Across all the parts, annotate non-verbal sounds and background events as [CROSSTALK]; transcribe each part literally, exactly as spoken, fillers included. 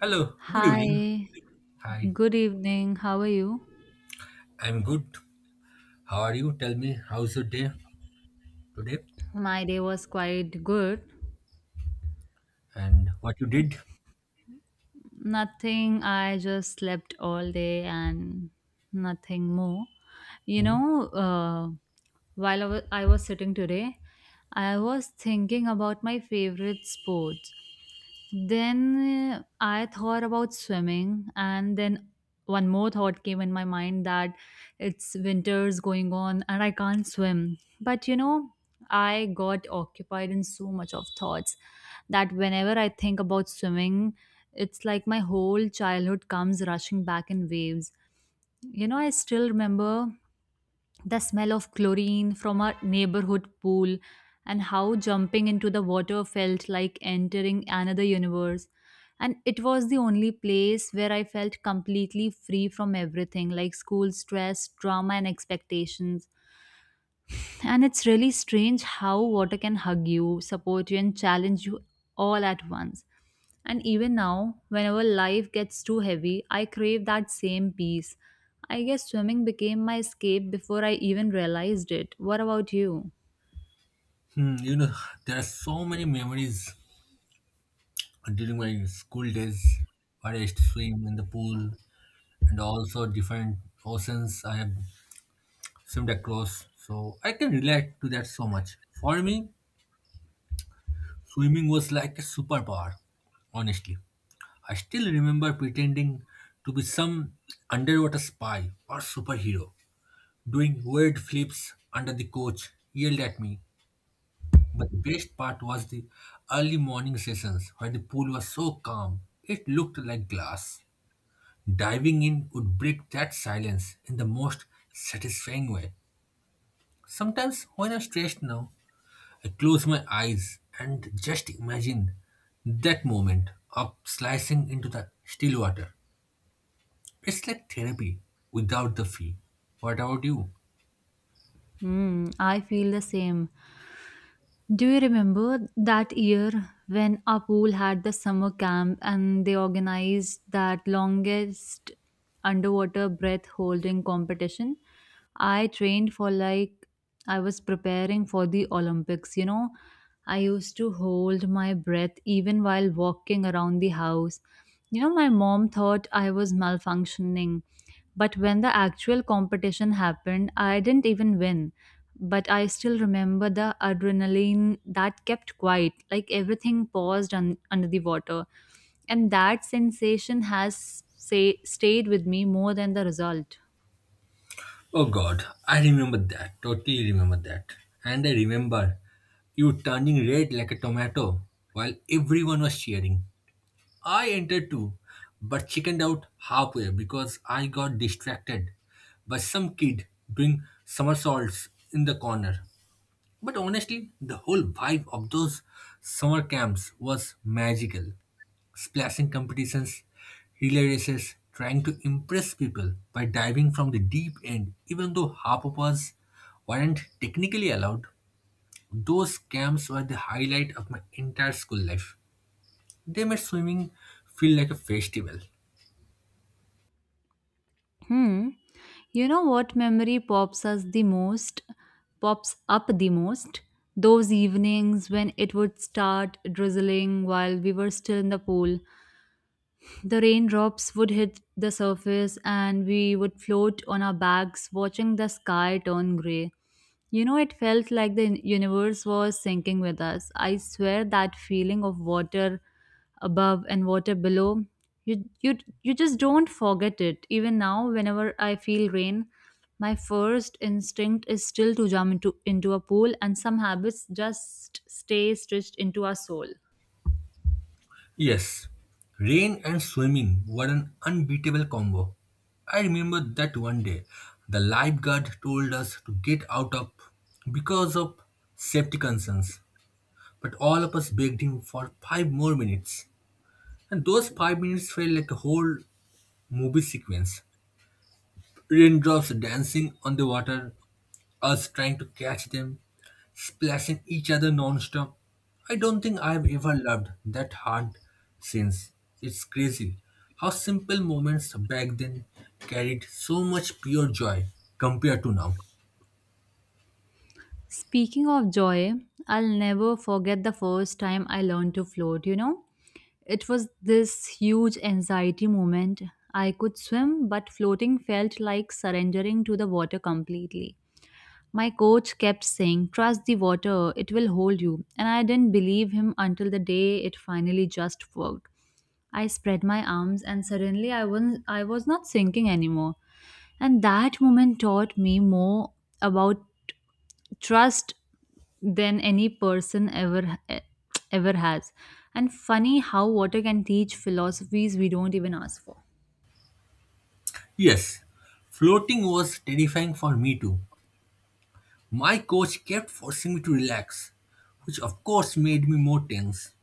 Hello, good evening. Hi, Hi, good evening. How are you? I'm good. How are you? Tell me, how's your day today My day was quite good. and what you did? Nothing, I just slept all day and nothing more. You Mhm. know, uh, while I wa- I was sitting today, I was thinking about my favorite sport. Then uh, I thought about swimming, and then one more thought came in my mind that it's winter's going on and I can't swim. But you know, I got occupied in so much of thoughts that whenever I think about swimming, it's like my whole childhood comes rushing back in waves. You know, I still remember the smell of chlorine from our neighborhood pool, and how jumping into the water felt like entering another universe. And it was the only place where I felt completely free from everything like school stress, drama, and expectations. And it's really strange how water can hug you, support you, and challenge you all at once. And even now, whenever life gets too heavy, I crave that same peace. I guess swimming became my escape before I even realized it. What about you? Hmm, you know, there are so many memories during my school days where I used to swim in the pool and also different oceans I have swimmed across. So I can relate to that so much. For me, swimming was like a superpower, honestly. I still remember pretending to be some underwater spy or superhero doing weird flips under the coach, yelled at me. But the best part was the early morning sessions when the pool was so calm, it looked like glass. Diving in would break that silence in the most satisfying way. Sometimes, when I'm stressed now, I close my eyes and just imagine that moment of slicing into the still water. It's like therapy without the fee. What about you? Hmm, I feel the same. Do you remember that year when our pool had the summer camp and they organized that longest underwater breath holding competition? I trained for like I was preparing for the Olympics, you know. I used to hold my breath even while walking around the house. You know, my mom thought I was malfunctioning, but when the actual competition happened, I didn't even win. But I still remember the adrenaline that kept quiet, like everything paused un- under the water. And that sensation has say, stayed with me more than the result. Oh God, I remember that. Totally remember that. And I remember you turning red like a tomato while everyone was cheering. I entered too, but chickened out halfway because I got distracted by some kid doing somersaults in the corner. But honestly, the whole vibe of those summer camps was magical splashing competitions, relay races, trying to impress people by diving from the deep end, even though half of us weren't technically allowed. Those camps were the highlight of my entire school life. They made swimming feel like a festival. Hmm. You know what memory pops us the most? Pops up the most? Those evenings when it would start drizzling while we were still in the pool, the raindrops would hit the surface and we would float on our backs, watching the sky turn grey. You know, it felt like the universe was sinking with us. I swear that feeling of water above and water below, you, you, you just don't forget it. Even now, whenever I feel rain, my first instinct is still to jump into, into a pool, and some habits just stay stitched into our soul. Yes, rain and swimming were an unbeatable combo. I remember that one day the lifeguard told us to get out of because of safety concerns. But all of us begged him for five more minutes. And those five minutes felt like a whole movie sequence. Raindrops dancing on the water, us trying to catch them, splashing each other non-stop. I don't think I've ever loved that hard since. It's crazy how simple moments back then carried so much pure joy compared to now. Speaking of joy, I'll never forget the first time I learned to float, you know. It was this huge anxiety moment. I could swim, but floating felt like surrendering to the water completely. My coach kept saying, "Trust the water, it will hold you." And I didn't believe him until the day it finally just worked. I spread my arms, and suddenly I was, I was not sinking anymore. And that moment taught me more about trust than any person ever eh, ever has. And funny how water can teach philosophies we don't even ask for. Yes, floating was terrifying for me too. My coach kept forcing me to relax, which of course made me more tense.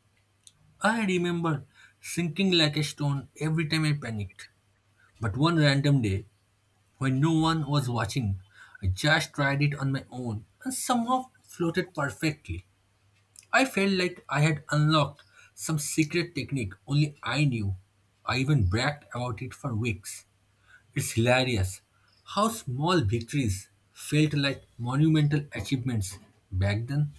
I remember sinking like a stone every time I panicked. But one random day, when no one was watching, I just tried it on my own and somehow floated perfectly. I felt like I had unlocked some secret technique only I knew. I even bragged about it for weeks. It's hilarious how small victories felt like monumental achievements back then.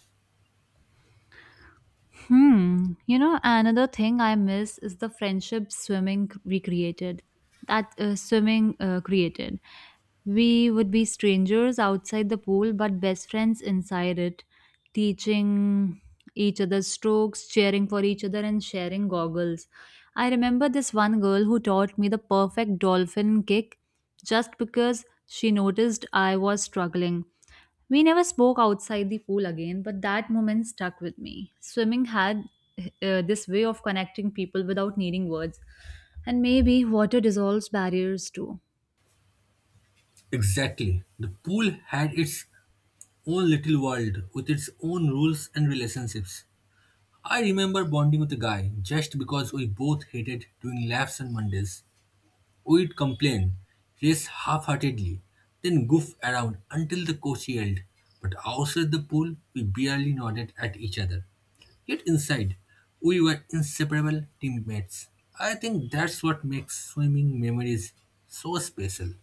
Hmm. You know, another thing I miss is the friendship swimming c- we created. That uh, swimming uh, created. We would be strangers outside the pool, but best friends inside it, teaching each other strokes, cheering for each other, and sharing goggles. I remember this one girl who taught me the perfect dolphin kick just because she noticed I was struggling. We never spoke outside the pool again, but that moment stuck with me. Swimming had uh, this way of connecting people without needing words. And maybe water dissolves barriers too. Exactly. The pool had its own little world with its own rules and relationships. I remember bonding with a guy just because we both hated doing laps on Mondays. We'd complain, race half heartedly, then goof around until the coach yelled. But outside the pool, we barely nodded at each other. Yet inside, we were inseparable teammates. I think that's what makes swimming memories so special.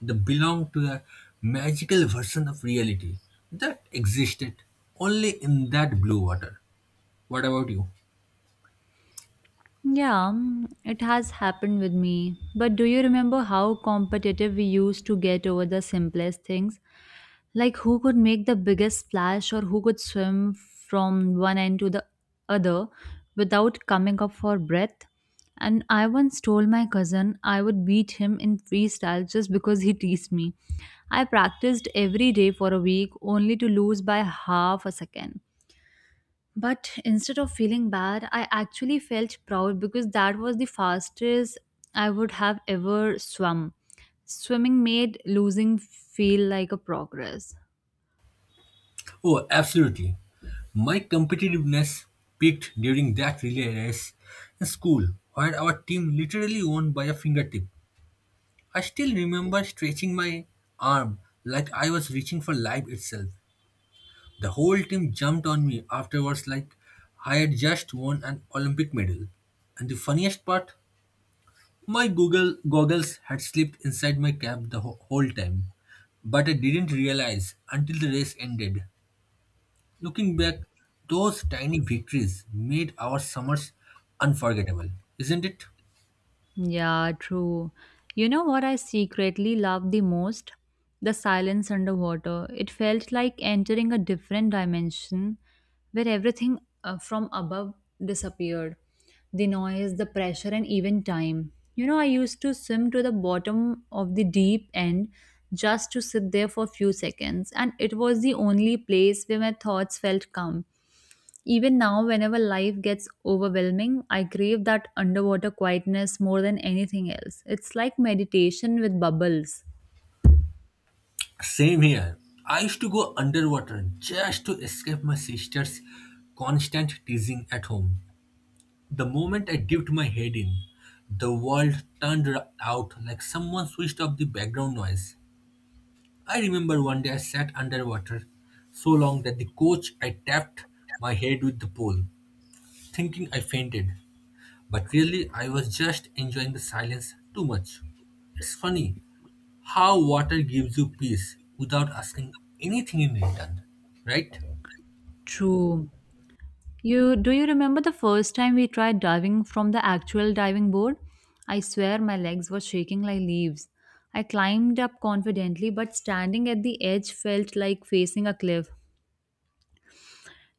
They belong to a magical version of reality that existed only in that blue water. What about you? Yeah, mm, it has happened with me. But do you remember how competitive we used to get over the simplest things? Like who could make the biggest splash or who could swim from one end to the other without coming up for breath? And I once told my cousin I would beat him in freestyle just because he teased me. I practiced every day for a week only to lose by half a second. But instead of feeling bad, I actually felt proud because that was the fastest I would have ever swum. Swimming made losing feel like a progress. Oh, absolutely. My competitiveness peaked during that relay race in school, where our team literally won by a fingertip. I still remember stretching my arm like I was reaching for life itself. The whole team jumped on me afterwards like I had just won an Olympic medal. And the funniest part. My Google goggles had slipped inside my cap the wh- whole time, but I didn't realize until the race ended. Looking back, those tiny victories made our summers unforgettable, isn't it? Yeah, true. You know what I secretly loved the most? The silence underwater. It felt like entering a different dimension where everything uh, from above disappeared. The noise, the pressure, and even time. You know, I used to swim to the bottom of the deep end just to sit there for a few seconds, and it was the only place where my thoughts felt calm. Even now, whenever life gets overwhelming, I crave that underwater quietness more than anything else. It's like meditation with bubbles. Same here. I used to go underwater just to escape my sister's constant teasing at home. The moment I dipped my head in, the world turned out like someone switched off the background noise. I remember one day I sat underwater so long that the coach I tapped my head with the pole, thinking I fainted. But really, I was just enjoying the silence too much. It's funny how water gives you peace without asking anything in return, right? True. You Do you remember the first time we tried diving from the actual diving board? I swear my legs were shaking like leaves. I climbed up confidently, but standing at the edge felt like facing a cliff.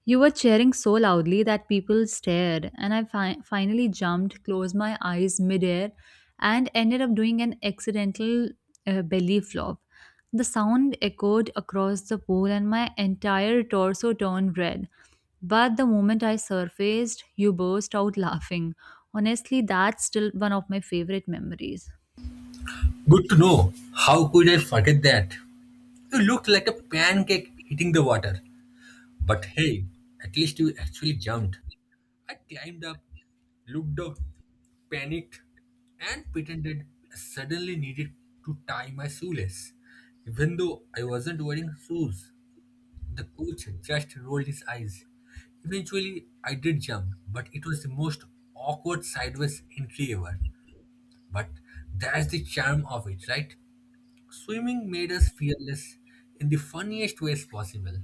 You were cheering so loudly that people stared, and I fi- finally jumped, closed my eyes midair, and ended up doing an accidental uh, belly flop. The sound echoed across the pool, and my entire torso turned red. But the moment I surfaced, you burst out laughing. Honestly, that's still one of my favorite memories. Good to know. How could I forget that? You looked like a pancake hitting the water. But hey, at least you actually jumped. I climbed up, looked down, panicked, and pretended I suddenly needed to tie my shoelace. Even though I wasn't wearing shoes, the coach just rolled his eyes. Eventually, I did jump, but it was the most awkward sideways entry ever. But that's the charm of it, right? Swimming made us fearless in the funniest ways possible.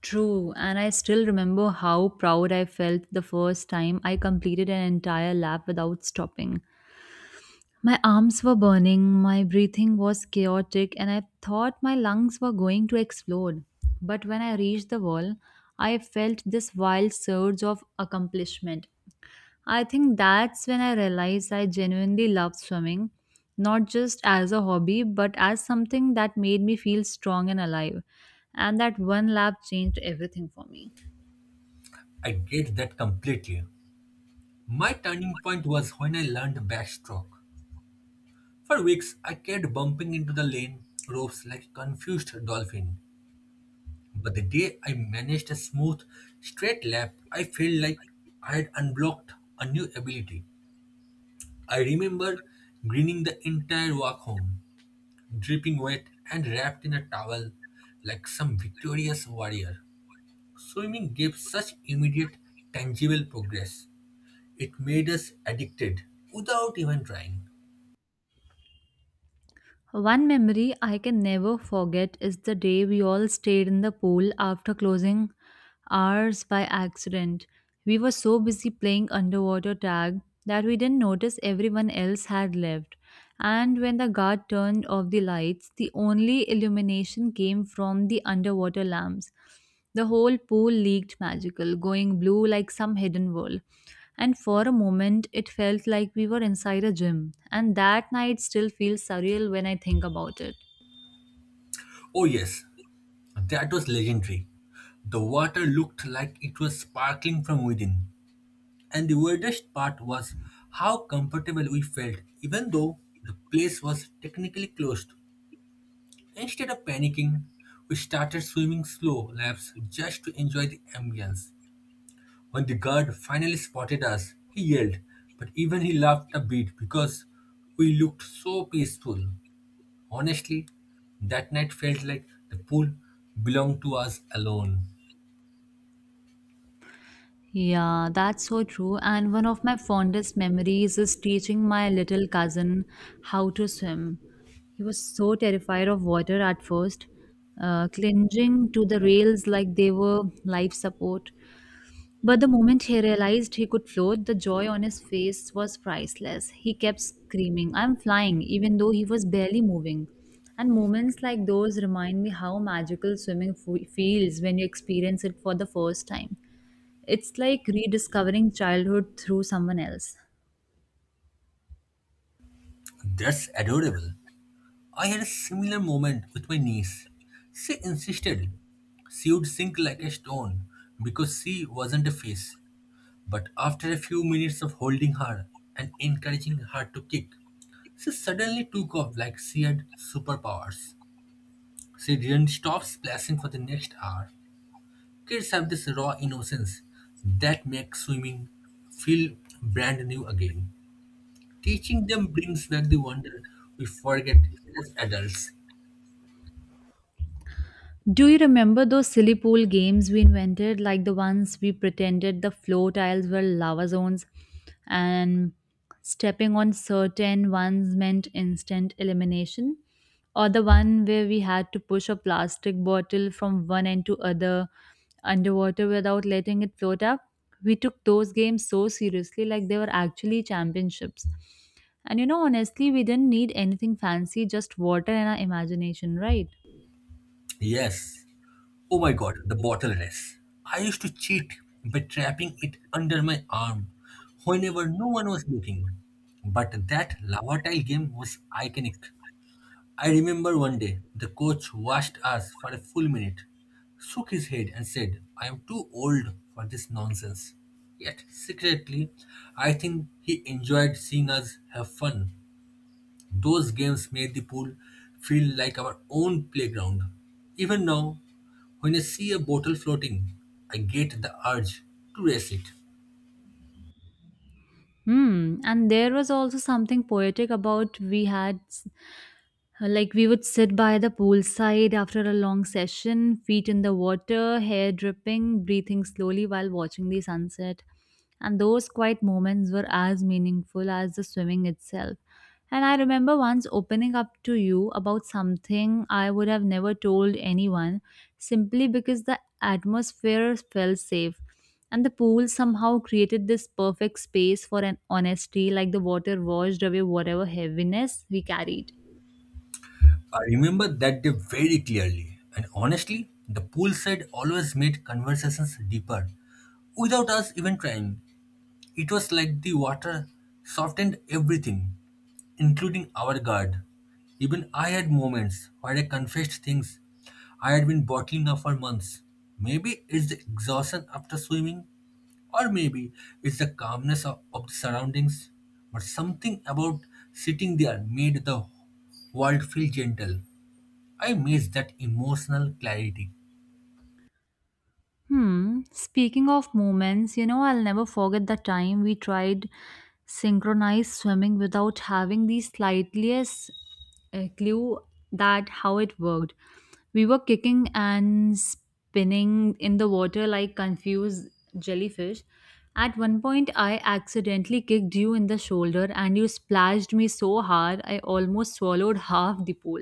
True, and I still remember how proud I felt the first time I completed an entire lap without stopping. My arms were burning, my breathing was chaotic, and I thought my lungs were going to explode. But when I reached the wall, I felt this wild surge of accomplishment. I think that's when I realized I genuinely loved swimming, not just as a hobby, but as something that made me feel strong and alive. And that one lap changed everything for me. I get that completely. My turning point was when I learned backstroke. For weeks, I kept bumping into the lane ropes like a confused dolphin. But the day I managed a smooth, straight lap, I felt like I had unblocked a new ability. I remember grinning the entire walk home, dripping wet and wrapped in a towel like some victorious warrior. Swimming gave such immediate, tangible progress. It made us addicted without even trying. One memory I can never forget is the day we all stayed in the pool after closing hours by accident. We were so busy playing underwater tag that we didn't notice everyone else had left. And when the guard turned off the lights, the only illumination came from the underwater lamps. The whole pool leaked magical, going blue like some hidden world. And for a moment, it felt like we were inside a gym. And that night still feels surreal when I think about it. Oh, yes, that was legendary. The water looked like it was sparkling from within. And the weirdest part was how comfortable we felt, even though the place was technically closed. Instead of panicking, we started swimming slow laps just to enjoy the ambience. When the guard finally spotted us, he yelled, but even he laughed a bit because we looked so peaceful. Honestly, that night felt like the pool belonged to us alone. Yeah, that's so true. And one of my fondest memories is teaching my little cousin how to swim. He was so terrified of water at first, uh, clinging to the rails like they were life support. But the moment he realized he could float, the joy on his face was priceless. He kept screaming, "I'm flying," even though he was barely moving. And moments like those remind me how magical swimming f- feels when you experience it for the first time. It's like rediscovering childhood through someone else. That's adorable. I had a similar moment with my niece. She insisted she would sink like a stone because she wasn't a fish. But after a few minutes of holding her and encouraging her to kick, she suddenly took off like she had superpowers. She didn't stop splashing for the next hour. Kids have this raw innocence that makes swimming feel brand new again. Teaching them brings back the wonder we forget as adults. Do you remember those silly pool games we invented, like the ones we pretended the floor tiles were lava zones and stepping on certain ones meant instant elimination? Or the one where we had to push a plastic bottle from one end to other underwater without letting it float up? We took those games so seriously, like they were actually championships. And you know, honestly, we didn't need anything fancy, just water and our imagination, right? Yes. Oh my god, the bottle race. I used to cheat by trapping it under my arm whenever no one was looking. But that lava tile game was iconic. I remember one day the coach watched us for a full minute, shook his head, and said, I am too old for this nonsense. Yet, secretly, I think he enjoyed seeing us have fun. Those games made the pool feel like our own playground. Even now, when I see a bottle floating, I get the urge to race it. Hmm. And there was also something poetic about we had s- uh, like we would sit by the poolside after a long session, feet in the water, hair dripping, breathing slowly while watching the sunset. And those quiet moments were as meaningful as the swimming itself. And I remember once opening up to you about something I would have never told anyone simply because the atmosphere felt safe. And the pool somehow created this perfect space for an honesty, like the water washed away whatever heaviness we carried. I remember that day very clearly, and honestly, the poolside always made conversations deeper without us even trying. It was like the water softened everything, including our guard. Even I had moments where I confessed things I had been bottling up for months. Maybe it's the exhaustion after swimming, or maybe it's the calmness of, of the surroundings, but something about sitting there made the world feel gentle. I miss that emotional clarity. Hmm. Speaking of moments, you know, I'll never forget the time we tried synchronized swimming without having the slightest uh, clue that how it worked. We were kicking and spinning in the water like confused jellyfish. At one point, I accidentally kicked you in the shoulder and you splashed me so hard I almost swallowed half the pool.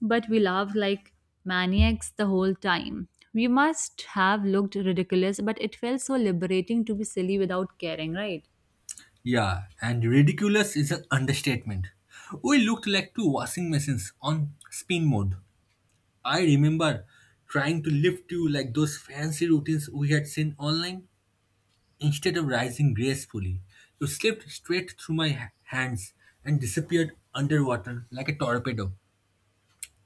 But we laughed like maniacs the whole time. We must have looked ridiculous, but it felt so liberating to be silly without caring, right? Yeah, and ridiculous is an understatement. We looked like two washing machines on spin mode. I remember trying to lift you like those fancy routines we had seen online. Instead of rising gracefully, you slipped straight through my ha- hands and disappeared underwater like a torpedo.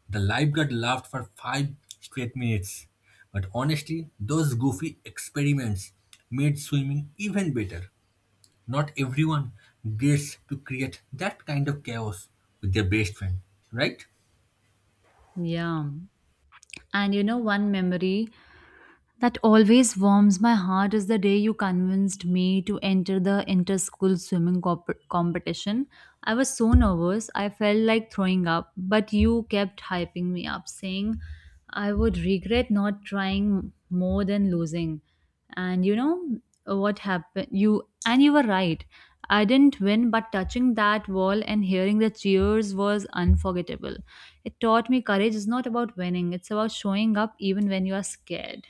The lifeguard laughed for five straight minutes. But honestly, those goofy experiments made swimming even better. Not everyone gets to create that kind of chaos with their best friend, right? Yeah. And you know, one memory that always warms my heart is the day you convinced me to enter the inter school swimming comp- competition. I was so nervous, I felt like throwing up, but you kept hyping me up, saying I would regret not trying more than losing. And you know what happened? You and you were right. I didn't win, but touching that wall and hearing the cheers was unforgettable. It taught me courage is not about winning, it's about showing up even when you are scared.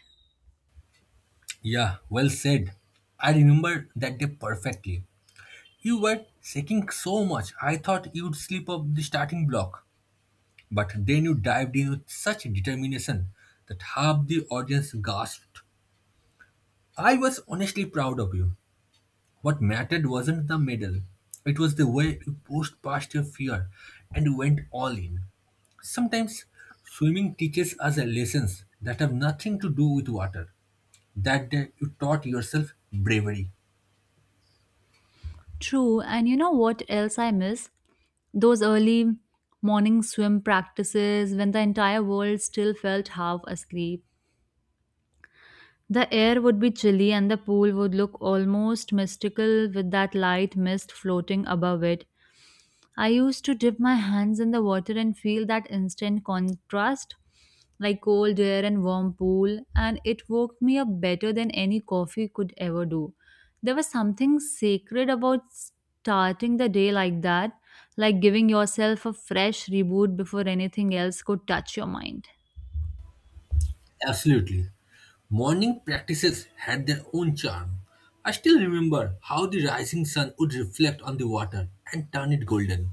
Yeah, well said. I remember that day perfectly. You were shaking so much, I thought you'd slip up the starting block. But then you dived in with such determination that half the audience gasped. I was honestly proud of you. What mattered wasn't the medal, it was the way you pushed past your fear and went all in. Sometimes swimming teaches us lessons that have nothing to do with water. That day you taught yourself bravery. True, and you know what else I miss? Those early morning swim practices when the entire world still felt half asleep. The air would be chilly and the pool would look almost mystical with that light mist floating above it. I used to dip my hands in the water and feel that instant contrast, like cold air and warm pool, and it woke me up better than any coffee could ever do. There was something sacred about starting the day like that, like giving yourself a fresh reboot before anything else could touch your mind. Absolutely. Morning practices had their own charm. I still remember how the rising sun would reflect on the water and turn it golden.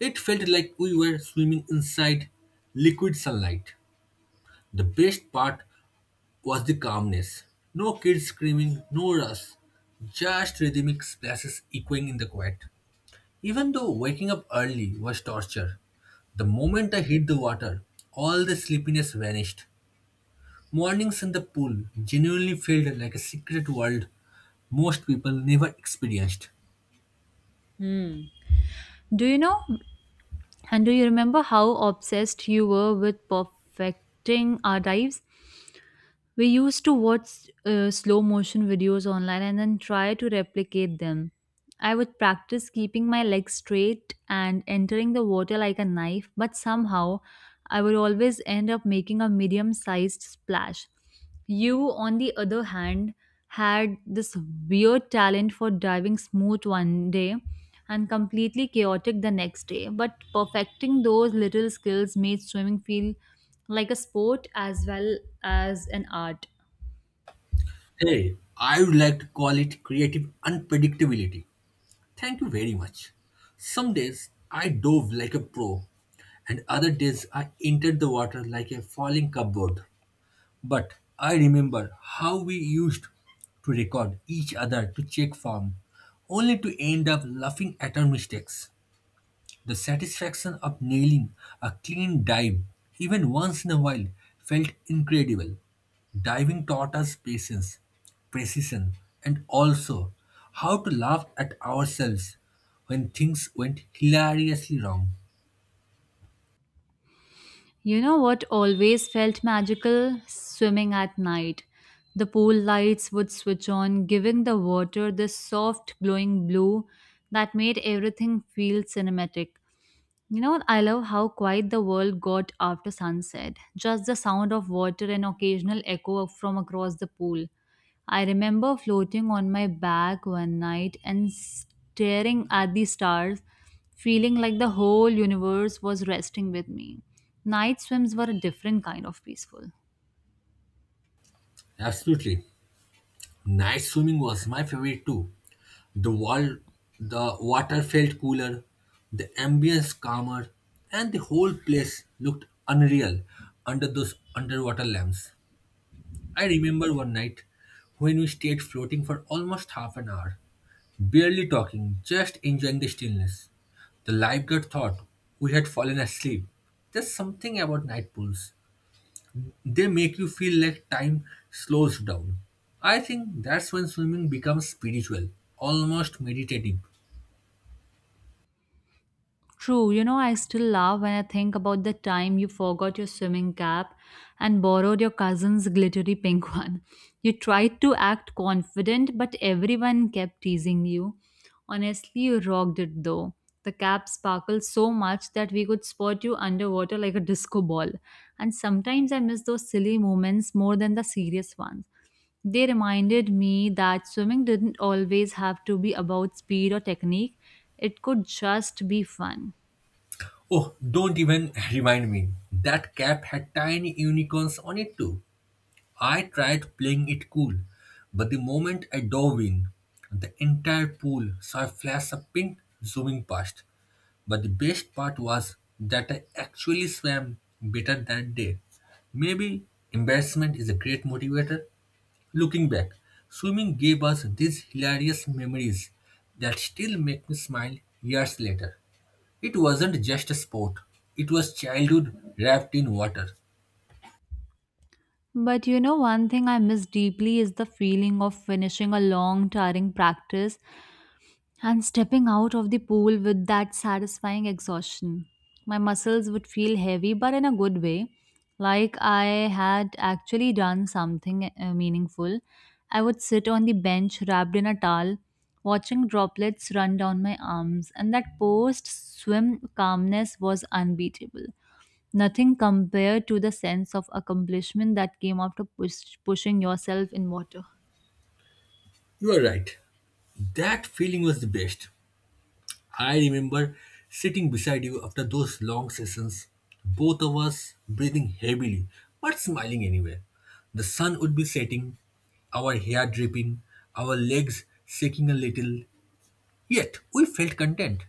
It felt like we were swimming inside liquid sunlight. The best part was the calmness. No kids screaming, no rush, just rhythmic splashes echoing in the quiet. Even though waking up early was torture, the moment I hit the water, all the sleepiness vanished. Mornings in the pool genuinely felt like a secret world most people never experienced. Do you know and do you remember how obsessed you were with perfecting our dives? We used to watch uh, slow motion videos online and then try to replicate them. I would practice keeping my legs straight and entering the water like a knife, but somehow I would always end up making a medium sized splash. You, on the other hand, had this weird talent for diving smooth one day and completely chaotic the next day. But perfecting those little skills made swimming feel like a sport as well as an art. Hey, I would like to call it creative unpredictability. Thank you very much. Some days I dove like a pro, and other days I entered the water like a falling cupboard. But I remember how we used to record each other to check form, only to end up laughing at our mistakes. The satisfaction of nailing a clean dive, even once in a while, felt incredible. Diving taught us patience, precision, and also how to laugh at ourselves when things went hilariously wrong. You know what always felt magical? Swimming at night. The pool lights would switch on, giving the water this soft glowing blue that made everything feel cinematic. You know, I love how quiet the world got after sunset. Just the sound of water and occasional echo from across the pool. I remember floating on my back one night and staring at the stars, feeling like the whole universe was resting with me. Night swims were a different kind of peaceful. Absolutely. Night swimming was my favorite too. The wall, the water felt cooler, the ambience calmer, and the whole place looked unreal under those underwater lamps. I remember one night when we stayed floating for almost half an hour, barely talking, just enjoying the stillness. The lifeguard thought we had fallen asleep. There's something about night pools. They make you feel like time slows down. I think that's when swimming becomes spiritual, almost meditative. True, you know, I still laugh when I think about the time you forgot your swimming cap and borrowed your cousin's glittery pink [LAUGHS] one. You tried to act confident, but everyone kept teasing you. Honestly, you rocked it though. The cap sparkled so much that we could spot you underwater like a disco ball. And sometimes I miss those silly moments more than the serious ones. They reminded me that swimming didn't always have to be about speed or technique, it could just be fun. Oh, don't even [LAUGHS] remind me. That cap had tiny unicorns on it too. I tried playing it cool, but the moment I dove in, the entire pool saw a flash of pink zooming past. But the best part was that I actually swam better that day. Maybe embarrassment is a great motivator. Looking back, swimming gave us these hilarious memories that still make me smile years later. It wasn't just a sport, it was childhood wrapped in water. But you know, one thing I miss deeply is the feeling of finishing a long, tiring practice and stepping out of the pool with that satisfying exhaustion. My muscles would feel heavy, but in a good way, like I had actually done something uh, meaningful. I would sit on the bench wrapped in a towel, watching droplets run down my arms, and that post swim calmness was unbeatable. Nothing compared to the sense of accomplishment that came after push, pushing yourself in water. You are right, that feeling was the best. I remember sitting beside you after those long sessions, both of us breathing heavily but smiling anyway. The sun would be setting, our hair dripping, our legs shaking a little, yet we felt content.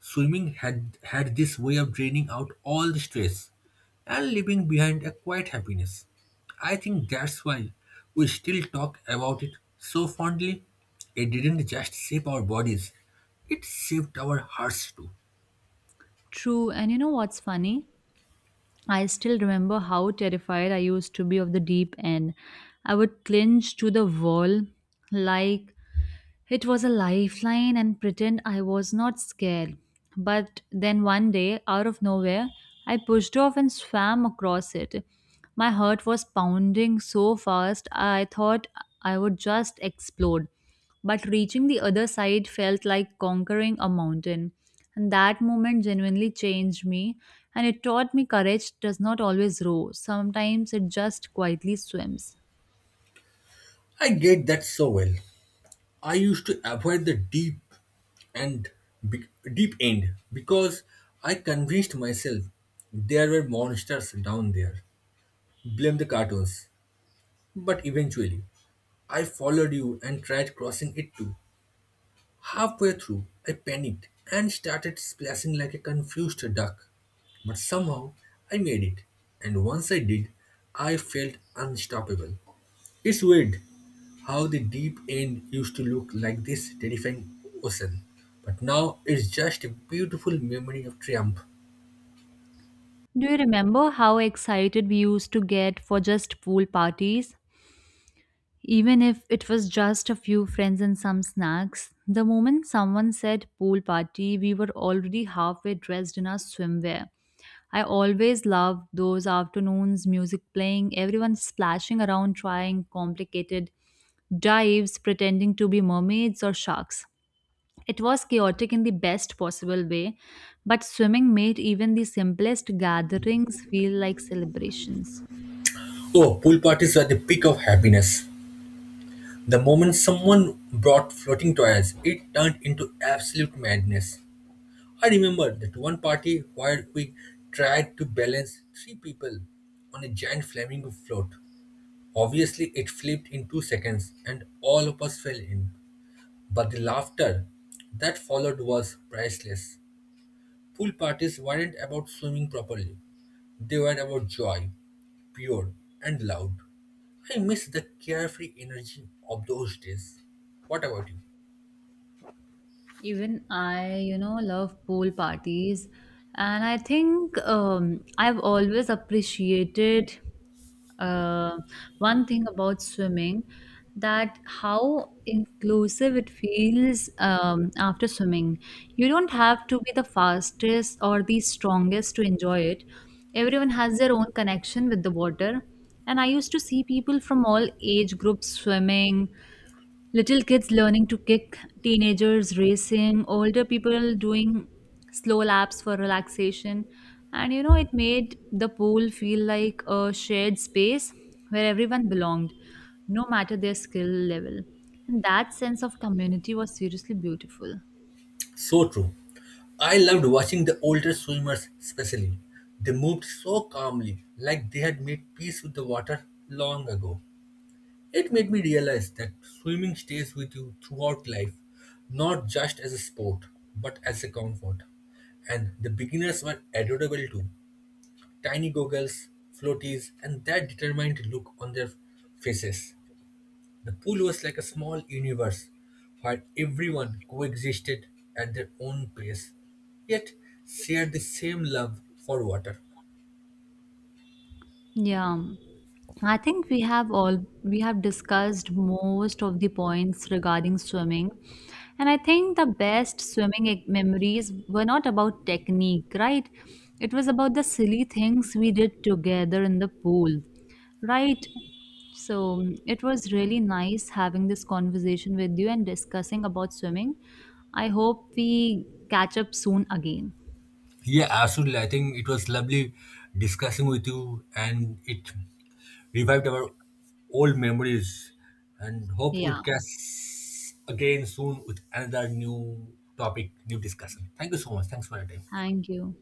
Swimming had, had this way of draining out all the stress and leaving behind a quiet happiness. I think that's why we still talk about it so fondly. It didn't just shape our bodies, it shaped our hearts too. True, and you know what's funny? I still remember how terrified I used to be of the deep end. I would clinch to the wall like it was a lifeline and pretend I was not scared. But then one day, out of nowhere, I pushed off and swam across it. My heart was pounding so fast I thought I would just explode. But reaching the other side felt like conquering a mountain. And that moment genuinely changed me, and it taught me courage does not always row. Sometimes it just quietly swims. I get that so well. I used to avoid the deep and be- deep end because I convinced myself there were monsters down there. Blame the cartoons. But eventually, I followed you and tried crossing it too. Halfway through, I panicked and started splashing like a confused duck. But somehow, I made it, and once I did, I felt unstoppable. It's weird how the deep end used to look like this terrifying ocean, but now it's just a beautiful memory of triumph. Do you remember how excited we used to get for just pool parties? Even if it was just a few friends and some snacks, the moment someone said pool party, we were already halfway dressed in our swimwear. I always loved those afternoons, music playing, everyone splashing around trying complicated dives, pretending to be mermaids or sharks. It was chaotic in the best possible way, but swimming made even the simplest gatherings feel like celebrations. Oh, pool parties are the peak of happiness. The moment someone brought floating toys, it turned into absolute madness. I remember that one party where we tried to balance three people on a giant flamingo float. Obviously, it flipped in two seconds and all of us fell in. But the laughter that followed was priceless. Pool parties weren't about swimming properly, they were about joy, pure and loud. I miss the carefree energy of those days. What about you? Even I, you know, love pool parties. And I think um, I've always appreciated uh, one thing about swimming that how inclusive it feels um, after swimming. You don't have to be the fastest or the strongest to enjoy it. Everyone has their own connection with the water. And I used to see people from all age groups swimming, little kids learning to kick, teenagers racing, older people doing slow laps for relaxation. And you know, it made the pool feel like a shared space where everyone belonged, no matter their skill level. And that sense of community was seriously beautiful. So true. I loved watching the older swimmers, especially. They moved so calmly, like they had made peace with the water long ago. It made me realize that swimming stays with you throughout life, not just as a sport, but as a comfort. And the beginners were adorable too. Tiny goggles, floaties, and that determined look on their faces. The pool was like a small universe where everyone coexisted at their own pace, yet shared the same love for water. Yeah. I think we have all we have discussed most of the points regarding swimming. And I think the best swimming e- memories were not about technique, right? It was about the silly things we did together in the pool, right? So it was really nice having this conversation with you and discussing about swimming. I hope we catch up soon again. Yeah, absolutely. I think it was lovely discussing with you, and it revived our old memories. And hope we Yeah. catch again soon with another new topic, new discussion. Thank you so much. Thanks for your time. Thank you.